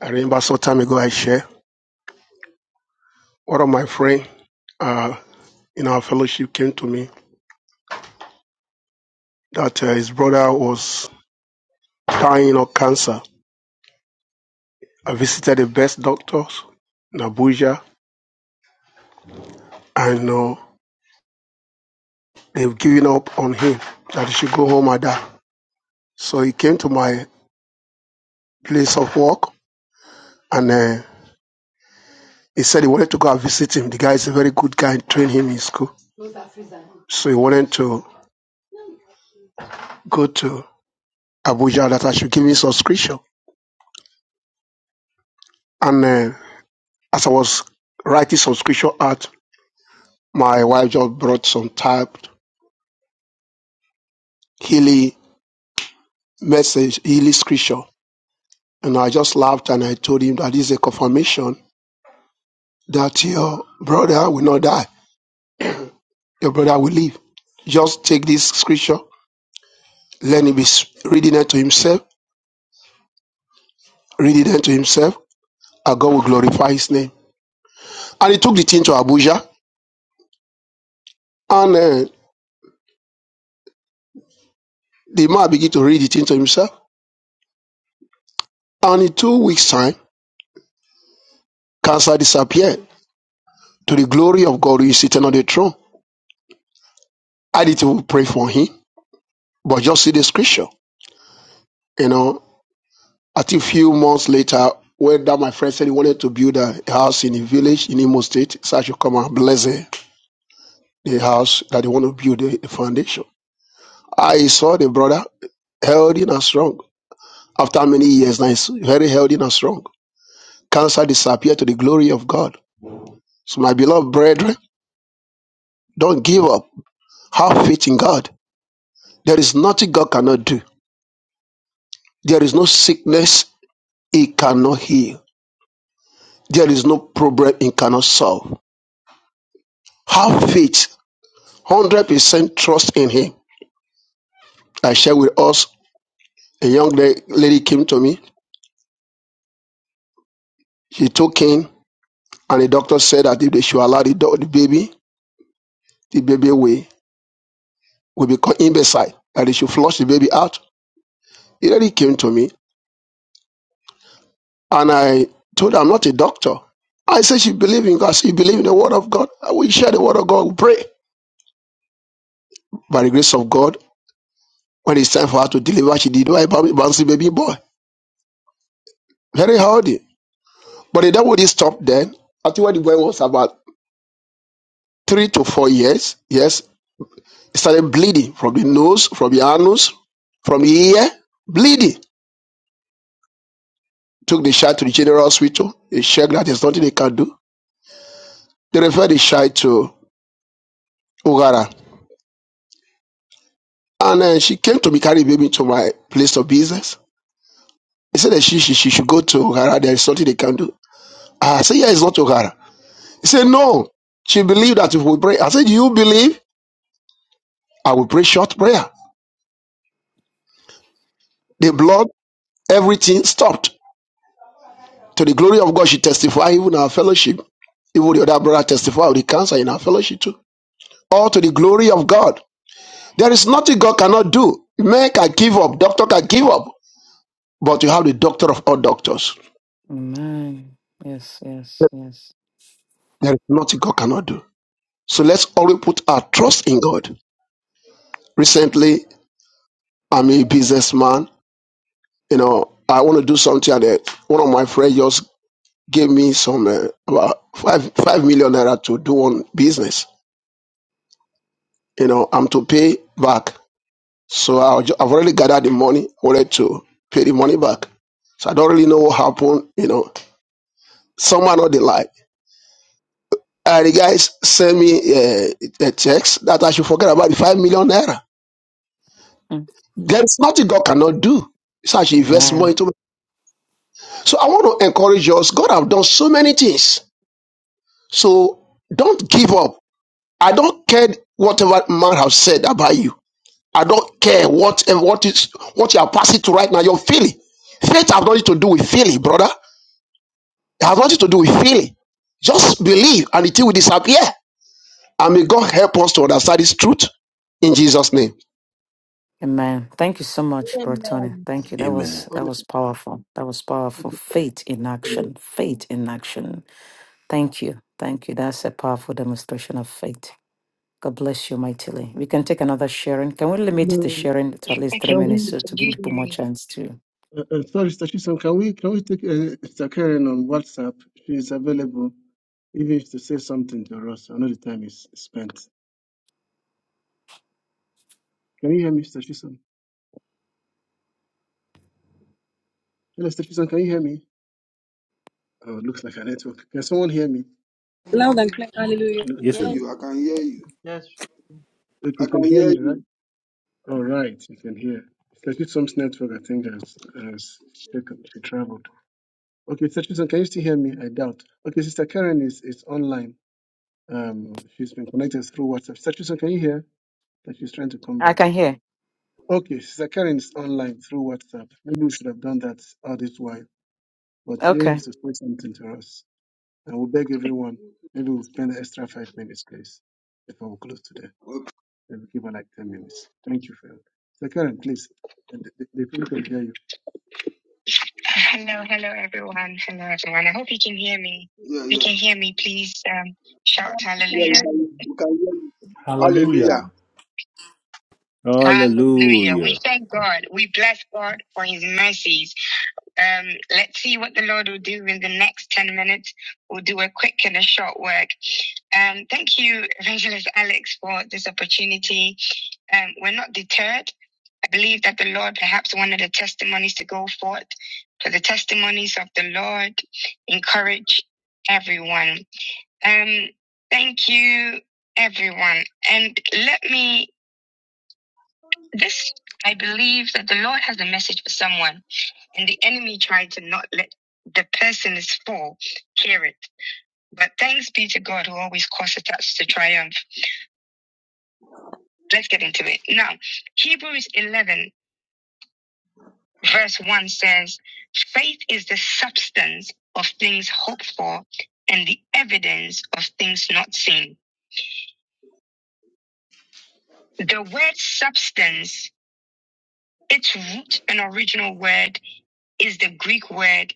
S10: I remember some time ago I shared one of my friend uh, in our fellowship came to me that uh, his brother was dying of cancer. I visited the best doctors in Abuja and you know, They've given up on him that he should go home and die. So he came to my place of work and uh, he said he wanted to go and visit him. The guy is a very good guy, trained him in school. So he wanted to go to Abuja that I should give him subscription. And uh, as I was writing subscription out, my wife just brought some typed Healy message, Healy scripture. And I just laughed and I told him that this is a confirmation that your brother will not die. Your brother will live. Just take this scripture, let him be s- reading it to himself, reading it to himself, and God will glorify his name. And he took the thing to Abuja, and uh, the man began to read the thing to himself. And in two weeks' time, cancer disappeared to the glory of God who is sitting on the throne. I did to pray for him, but just see the scripture. You know, I think a few months later, when that my friend said he wanted to build a house in a village in Imo State, so I should come and bless the the house that they want to build the the foundation. I saw the brother healthy and strong. After many years now, he's very healthy and strong. Cancer disappeared to the glory of God. So, my beloved brethren, don't give up. Have faith in God. There is nothing God cannot do. There is no sickness He cannot heal. There is no problem He cannot solve. Have faith. 100% trust in Him. I share with us a young la- lady came to me. She took in, and the doctor said that if they should allow the, do- the baby, the baby will. will become imbecile, that they should flush the baby out. He really came to me and I told her I'm not a doctor. I said she believe in God. I said, You believe in the word of God. We share the word of God. We pray. By the grace of God, when it's time for her to deliver, she did my bou- bouncy baby boy. Very healthy. But the devil didn't stop then. I think when the boy was about three to four years, yes, he started bleeding from the nose, from the anus, from the ear, bleeding. Took the child to the general hospital. They checked that there's nothing they can do. They referred the child to Ogara. And uh, she came to me, carry baby to my place of business. He said that she, she, she should go to Ogara. There is something they can do. I said, yeah, it's not Ogara. He said, no. She believed that if we pray. I said, you believe? I will pray short prayer. The blood, everything stopped. To the glory of God, she testified, even our fellowship. Even the other brother testified of the cancer in our fellowship too. All to the glory of God. There is nothing God cannot do. Man can give up. Doctor can give up. But you have the doctor of all doctors.
S1: Amen. Yes, yes, yes.
S10: There is nothing God cannot do. So let's always put our trust in God. Recently, I'm a businessman. You know, I want to do something, and uh, one of my friends just gave me some uh, about five five million naira to do one business. You know, I'm to pay back. So I'll ju- I've already gathered the money, wanted to pay the money back. So I don't really know what happened. You know, someone or the like. Uh, the guys sent me uh, a text that I should forget about the five million naira.
S1: Mm.
S10: There's nothing God cannot do. So I should invest
S1: Amen.
S10: more into So I want to encourage us. God have done so many things. So don't give up. I don't care whatever man have said about you. I don't care what eh, what is what you are passing through right now. You're feeling. Faith have nothing to do with feeling, brother. It has nothing to do with feeling. Just believe and it will disappear. And may God help us to understand this truth in Jesus' name.
S1: Amen. Thank you so much, Bertoni. Thank you. That was
S8: Amen.
S1: that was powerful. That was powerful. Faith in action. Faith in action. Thank you. Thank you. That's a powerful demonstration of faith. God bless you mightily. We can take another sharing. Can we limit the sharing to at least three
S3: Can
S1: minutes so to give people more
S3: we,
S1: chance to?
S3: uh, uh, sorry, Sister Chisholm, can we, can we take uh, Sister Karen on WhatsApp? She's available, even if to say something to us. I know the time is spent. Can you hear me, Sister Chisholm? Hello, Stephenson, can you hear me? Oh, it looks like a network. Can someone hear me?
S12: Loud and clear. Hallelujah.
S3: It looks
S8: Yes,
S3: like
S5: I
S3: a
S5: hear
S8: sir.
S9: Yes,
S5: You, I
S3: network.
S5: can hear you.
S13: Yes.
S3: If
S5: I
S3: you
S5: can
S3: can hear
S5: hear
S3: me, right?
S5: you.
S3: All right, you can hear. Stephison's network, I think, has, has shaken. She traveled. Okay, Stephenson, can you still hear me? I doubt. Okay, Sister Karen is, is online. Um, She's been connected through WhatsApp. Stephenson, can you hear? That she's trying to come
S1: I
S3: back.
S1: can hear.
S3: Okay, Sister Karen is online through WhatsApp. Maybe we should have done that all this while. But here
S1: Okay.
S3: is to say something to us. I will beg everyone, maybe we'll spend an extra five minutes, please, before we close today.
S5: Okay.
S3: Maybe give her like 10 minutes. Thank you for your So, Karen, please, the, the, the people can hear you. Hello, hello everyone. Hello everyone. I hope you can hear me.
S5: Yeah,
S3: If you
S5: yeah.
S3: can hear me, please um, shout
S9: we
S5: Yeah,
S9: can
S5: we
S3: hallelujah.
S9: hear
S5: can,
S9: you.
S5: we can hear you.
S7: Hallelujah.
S5: Hallelujah.
S3: Hallelujah. We
S8: Hallelujah.
S3: thank God. We bless God for his mercies. Um, let's see what the Lord will do in the next 10 minutes. We'll do a quick and a short work. Um, thank you, Evangelist Alex, for this opportunity. Um, we're not deterred. I believe that the Lord perhaps wanted the testimonies to go forth, for the testimonies of the Lord encourage everyone. Um, thank you, everyone. And let me, this, I believe that the Lord has a message for someone and the enemy tried to not let the person is full hear it. But thanks be to God who always causes us to triumph. Let's get into it. Now, Hebrews 11, verse 1 says, Faith is the substance of things hoped for and the evidence of things not seen. The word substance, its root and original word is the Greek word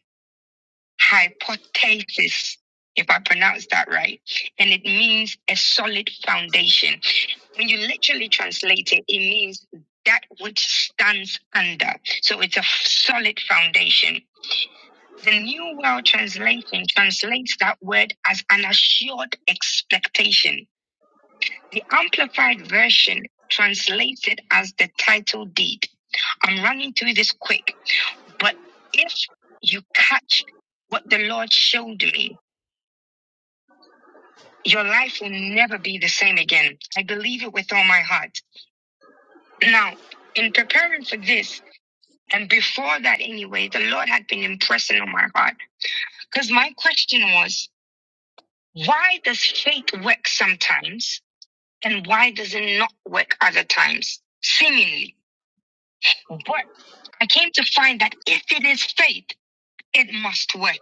S3: hypothesis, if I pronounce that right. And it means a solid foundation. When you literally translate it, it means that which stands under. So it's a f- solid foundation. The New World Translation translates that word as an assured expectation. The Amplified Version translates it as the title deed. I'm running through this quick, but if you catch what the Lord showed me, Your life will never be the same again. I believe it with all my heart. Now, in preparing for this, and before that anyway, the Lord had been impressing on my heart. Because my question was, why does faith work sometimes and why does it not work other times? Seemingly. But I came to find that if it is faith, it must work.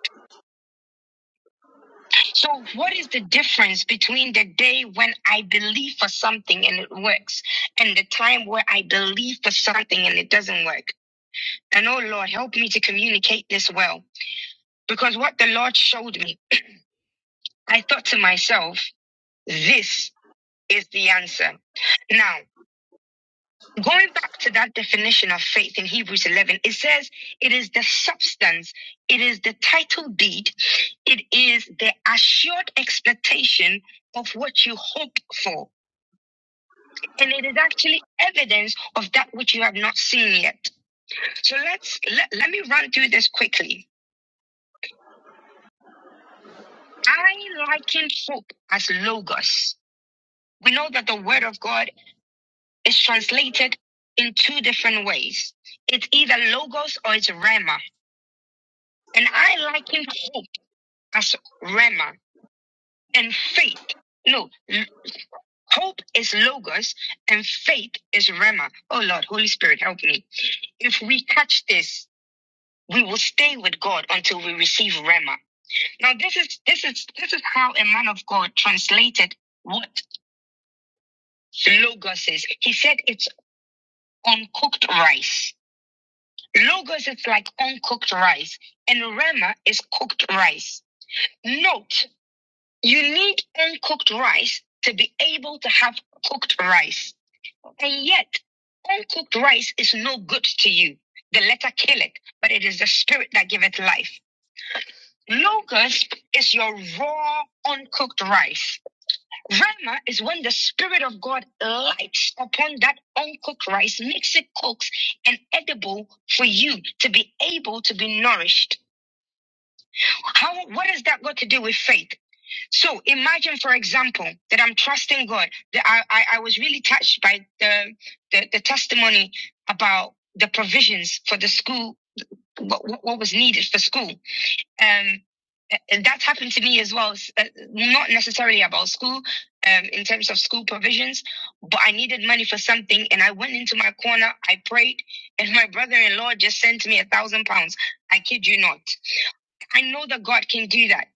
S3: So, what is the difference between the day when I believe for something and it works and the time where I believe for something and it doesn't work? And oh Lord, help me to communicate this well. Because what the Lord showed me, I thought to myself, this is the answer. Now, going back to that definition of faith in Hebrews 11, it says it is the substance, it is the title deed, it is the assured expectation of what you hope for. and it is actually evidence of that which you have not seen yet. So let's let, let me run through this quickly. I liken hope as logos. We know that the word of God is translated in two different ways. It's either logos or it's rema. And I liken hope as rema and faith. No, l- hope is logos and faith is rema. Oh Lord, Holy Spirit, help me if we catch this. we will stay with God until we receive Rema. Now, this is this is this is how a man of God translated what logos is. He said it's uncooked rice. Logos is like uncooked rice, and Rema is cooked rice. Note, you need uncooked rice to be able to have cooked rice. And yet, uncooked rice is no good to you. The letter killeth, but it is the spirit that giveth life. Locust is your raw, uncooked rice. Rama is when the Spirit of God lights upon that uncooked rice, makes it cooked and edible for you to be able to be nourished. How, what has that got to do with faith? So imagine, for example, that I'm trusting God. That I, I, I was really touched by the, the the testimony about the provisions for the school, what what was needed for school um, and that happened to me as well. s- uh, Not necessarily about school, um, in terms of school provisions, but I needed money for something, and I went into my corner. I prayed, and my brother-in-law just sent me a thousand pounds. I kid you not. I know that God can do that,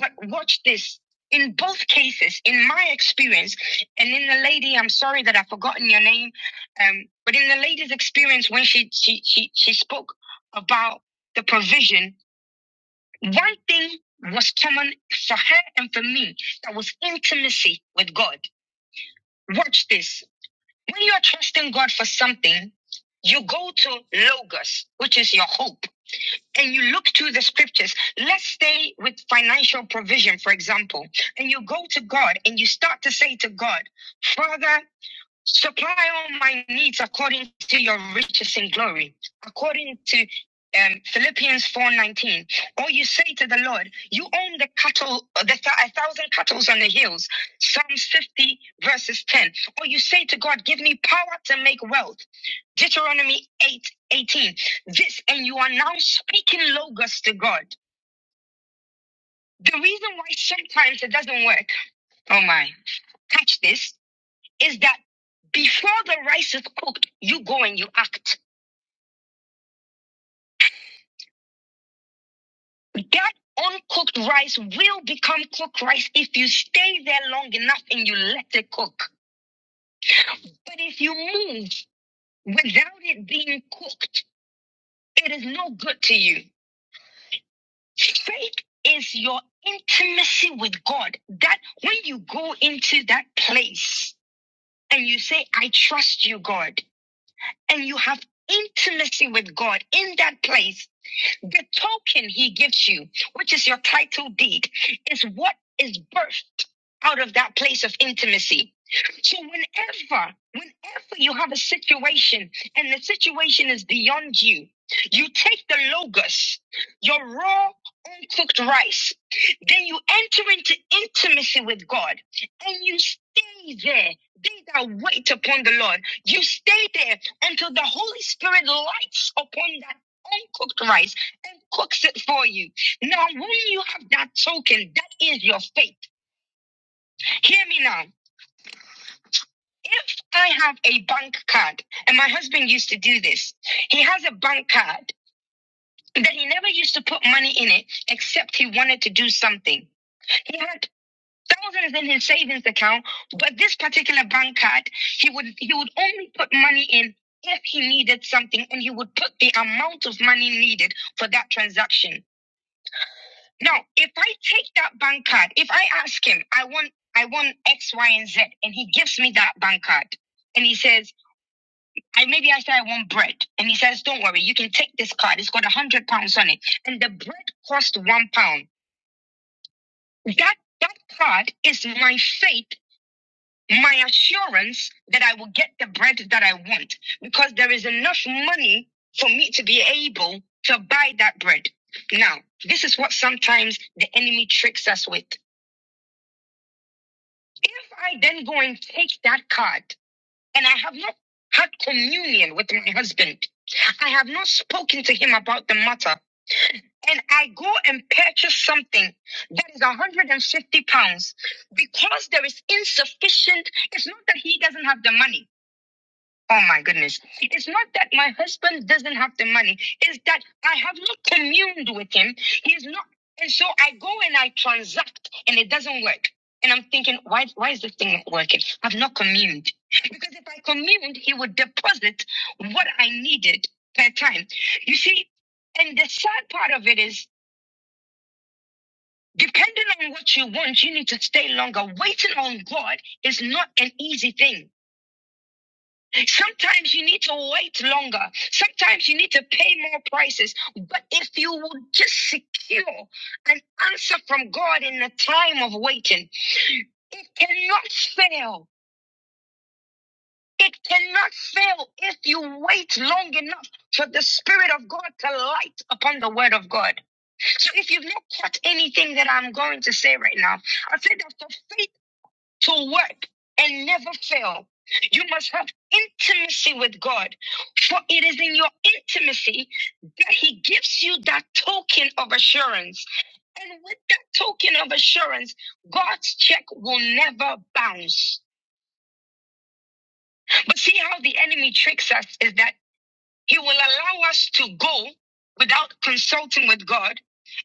S3: but watch this. In both cases, in my experience, and in the lady, I'm sorry that I've forgotten your name, um, but in the lady's experience when she she she, she spoke about the provision one thing was common for her and for me that was intimacy with God. Watch this. When you are trusting God for something, you go to Logos, which is your hope, and you look to the scriptures. Let's stay with financial provision, for example, and you go to God and you start to say to God, Father, Supply all my needs according to your riches in glory, according to um, Philippians 4:19. Or you say to the Lord, You own the cattle, the th- a thousand cattle on the hills. Psalms 50 verses 10. Or you say to God, Give me power to make wealth. Deuteronomy 8 18. This, and you are now speaking logos to God. The reason why sometimes it doesn't work, oh my, catch this is that before the rice is cooked, you go and you act. That uncooked rice will become cooked rice if you stay there long enough and you let it cook. But if you move without it being cooked, it is no good to you. Faith is your intimacy with God. That when you go into that place and you say, I trust you, God, and you have intimacy with God in that place, The token he gives you, which is your title deed, is what is birthed out of that place of intimacy. So whenever, whenever you have a situation and the situation is beyond you, you take the logos, your raw, uncooked rice, then you enter into intimacy with God and you stay there. They that wait upon the Lord, you stay there until the Holy Spirit lights upon that uncooked rice and cooks it for you. Now, when you have that token, that is your faith. Hear me now. If I have a bank card, and my husband used to do this, he has a bank card that he never used to put money in it except he wanted to do something. He had thousands in his savings account, but this particular bank card, he would he would only put money in if he needed something and he would put the amount of money needed for that transaction. Now, if I take that bank card, if I ask him, I want, I want X, Y, and Z, and he gives me that bank card, and he says, I maybe I say I want bread, and he says, don't worry, you can take this card. It's got a hundred pounds on it, and the bread cost one pound. That that card is my faith, my assurance that I will get the bread that I want because there is enough money for me to be able to buy that bread. Now, this is what sometimes the enemy tricks us with. If I then go and take that card and I have not had communion with my husband, I have not spoken to him about the matter, and I go and purchase something that is 150 pounds because there is insufficient, it's not that he doesn't have the money. Oh my goodness. It's not that my husband doesn't have the money, it's that I have not communed with him. He's not. And so I go and I transact and it doesn't work. And I'm thinking, why, why is this thing not working? I've not communed. Because if I communed, he would deposit what I needed per time. You see, and the sad part of it is, depending on what you want, you need to stay longer. Waiting on God is not an easy thing. Sometimes you need to wait longer. Sometimes you need to pay more prices. But if you will just secure an answer from God in the time of waiting, it cannot fail. It cannot fail if you wait long enough for the Spirit of God to light upon the Word of God. So if you've not caught anything that I'm going to say right now, I said that the faith to work and never fail. You must have intimacy with God, for it is in your intimacy that He gives you that token of assurance. And with that token of assurance, God's check will never bounce. But see how the enemy tricks us is that he will allow us to go without consulting with God.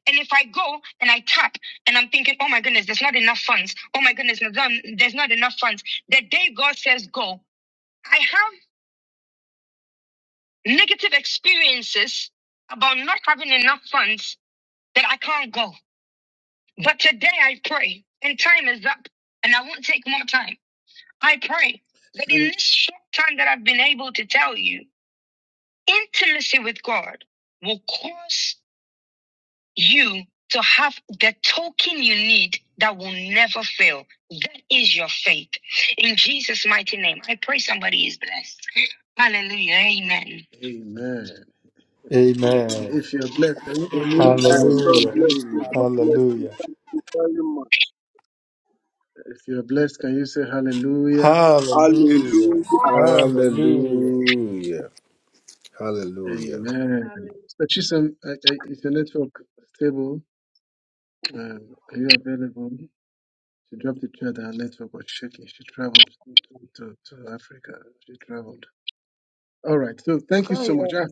S3: And if I go and I tap and I'm thinking, oh my goodness, there's not enough funds. Oh my goodness, there's not there's not enough funds. The day God says go, I have negative experiences about not having enough funds that I can't go. But today I pray, and time is up, and I won't take more time. I pray that in Mm. this short time that I've been able to tell you, intimacy with God will cause you to have the token you need that will never fail. That is your faith. In Jesus' mighty name, I pray somebody is blessed. Hallelujah. Amen. Amen.
S7: Amen.
S3: If you're blessed, can you unmute and
S5: Amen.
S3: say
S8: Amen.
S5: God
S7: Hallelujah.
S3: amen?
S5: bless you.
S8: Amen.
S5: God bless you.
S7: Hallelujah.
S5: Thank you very much.
S3: If you're blessed, can you say hallelujah?
S7: Hallelujah.
S5: Hallelujah.
S7: Hallelujah.
S8: Hallelujah. Hallelujah.
S3: Amen.
S14: Hallelujah.
S3: So Chisholm, I, I, is your network stable? Uh, are you available? She dropped the chair that her network was shaking. She traveled to, to, to Africa. She traveled. All right. So
S11: We
S3: thank you
S11: can't
S3: so much. Ah,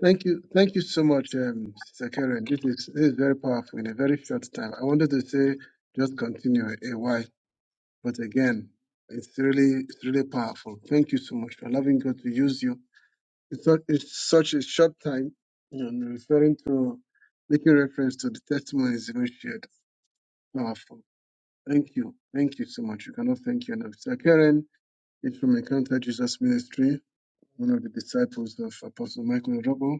S3: thank you. Thank you so much, um, Sister Karen. This is this is very powerful in a very short time. I wanted to say just continue a while, but again, it's really it's really powerful. Thank you so much for allowing God to use you. It's such, it's such a short time, and referring to making reference to the testimonies you shared. Powerful. Thank you. Thank you so much. You cannot thank you enough. Sister Karen is from Encounter Jesus Ministry, one of the disciples of Apostle Michael Robo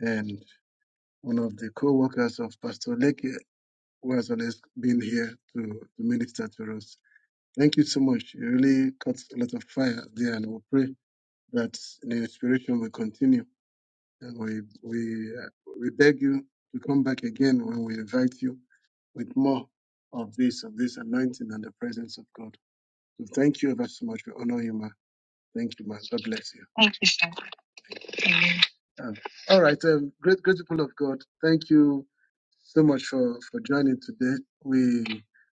S3: and one of the co-workers of Pastor Leke, who has always been here to, to minister to us. Thank you so much. You really caught a lot of fire there, and we pray that the inspiration will continue. And we we uh, we beg you to come back again when we invite you with more of this of this anointing and the presence of God. So thank you ever so much. We honor you, ma. Thank you, ma. God bless you. Thank you, sir. Um, all right, um, great, great people of God, thank you so much for, for joining today. We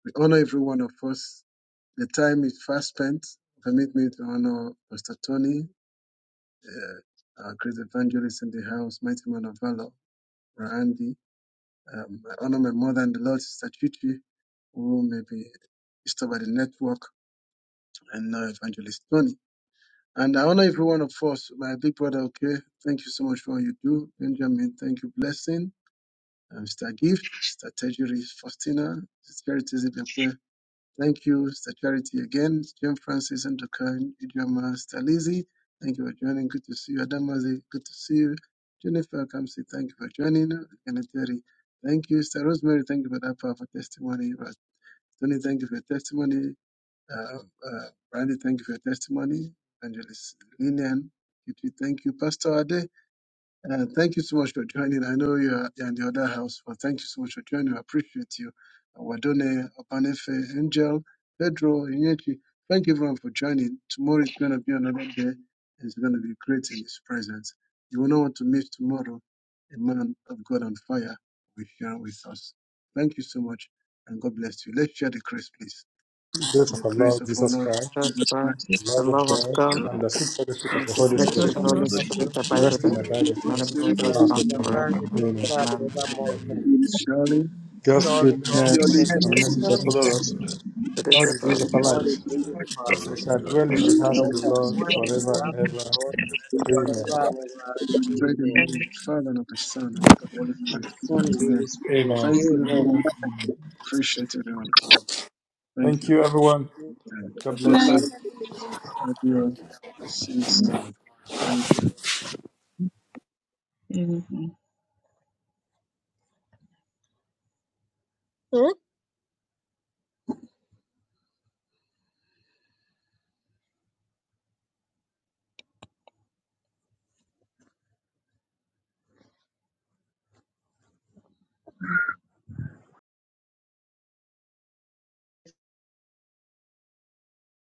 S3: we honor every one of us. The time is fast spent. Permit me to honor Pastor Tony, uh, our great evangelist in the house, mighty man of valor, Randy. Um, I honor my mother and the Lord, Sister Chichi, who may be disturbed by the network, and now Evangelist Tony. And I honor every one of us, my big brother, okay? Thank you so much for all you do. Benjamin, thank you, blessing. Uh, Mr. Gift, Mr. Tejuri, Faustina, Mr. Charity Zibiakwe. Thank you, Mr. Charity again, Jim Francis and Dokan, Idioma, Mr. Lizzie. Thank you for joining. Good to see you. Adamazi, good to see you. Jennifer Kamsi, thank you for joining. Kenneth Terry, thank you. Mr. Rosemary, thank you for that powerful testimony. Tony, thank you for your testimony. Uh, uh, Brandy, thank you for your testimony. Evangelist Lillian, Kitty, thank you. Pastor Ade, uh, thank you so much for joining. I know you're in the other house, but thank you so much for joining. I appreciate you. Uh, Wadone, Opanefe, Angel, Pedro, Inyechi, thank you everyone for joining. Tomorrow is going to be another day. and It's going to be great in His presence. You will not want to miss tomorrow. A man of God on fire will share with us. Thank you so much, and God bless you. Let's share the grace, please
S7: In The Grace
S3: and the
S7: of our
S3: grace
S7: Lord
S3: of our
S7: Jesus
S3: Lord
S7: Christ,
S1: The
S3: Jesus
S1: the-
S3: Christ. the
S7: the
S1: the
S7: love of
S1: love of
S7: God,
S8: The
S3: be
S1: God
S8: Lord
S7: and the sweet fellowship
S1: and
S7: of
S1: the
S7: the Holy
S1: spirit
S15: Lord,
S1: of
S8: bless
S7: Spirit
S1: the
S8: you,
S1: Holy
S16: Thank
S15: communion of
S8: fellowship
S15: the
S8: of
S1: Spirit
S15: Holy
S8: the Holy
S1: abide with
S7: Rest on my
S1: us
S15: Spirit,
S8: Spirit.
S7: body
S5: Holy
S1: and
S7: first,
S1: remain
S5: Spirit,
S1: with
S8: Praise
S1: us
S3: with
S15: rest
S7: not
S3: us.
S5: we
S1: now
S15: and
S8: God,
S7: alone.
S15: abide with
S1: forever.
S7: You
S15: us
S7: know,
S15: now and
S1: Amen.
S15: forevermore.
S3: Amen.
S15: Amen.
S8: Amen.
S3: Surely,
S7: God's
S15: Surely,
S3: as good
S15: Lord,
S5: purely
S15: goodness
S7: goodness
S15: and
S5: thank
S3: as
S8: Amen.
S7: and
S15: mercy
S7: mercy
S8: The
S15: follow
S7: shall
S1: It
S7: follow
S8: message of
S7: us
S8: God.
S1: is
S7: all the days
S8: God,
S1: The
S7: of our
S5: God
S15: all
S5: of
S8: Jesus,
S15: the
S7: life.
S8: my
S5: the
S15: days
S8: life.
S15: of
S8: I
S15: our
S7: We
S8: wish
S15: life,
S8: you
S7: shall
S8: God
S7: dwell
S8: in the
S7: in the
S8: house
S5: truth
S8: of
S7: house
S15: and
S7: of
S5: of
S15: we
S7: the
S8: God.
S15: shall
S7: Lord
S15: dwell in
S7: forever
S15: the
S7: and
S15: house of the
S7: ever.
S15: Lord
S5: the
S8: forever.
S7: Amen.
S15: forever
S5: Bible.
S15: and ever.
S3: Let's
S5: Amen.
S3: pray in the
S15: Amen.
S3: name of the Father and of the Son and of the Holy Spirit.
S15: Son of the Holy
S3: Amen.
S15: Spirit.
S7: Amen.
S3: Thank you,
S15: Amen.
S3: everyone. Appreciate every one of you. Thank
S7: Thank
S3: you.
S7: you, everyone.
S3: And
S7: God
S3: God
S12: Good
S5: Good
S7: bless
S3: bless
S5: night.
S7: you.
S3: you.
S12: night.
S3: Love you all. See you tomorrow. Thank you.
S16: you.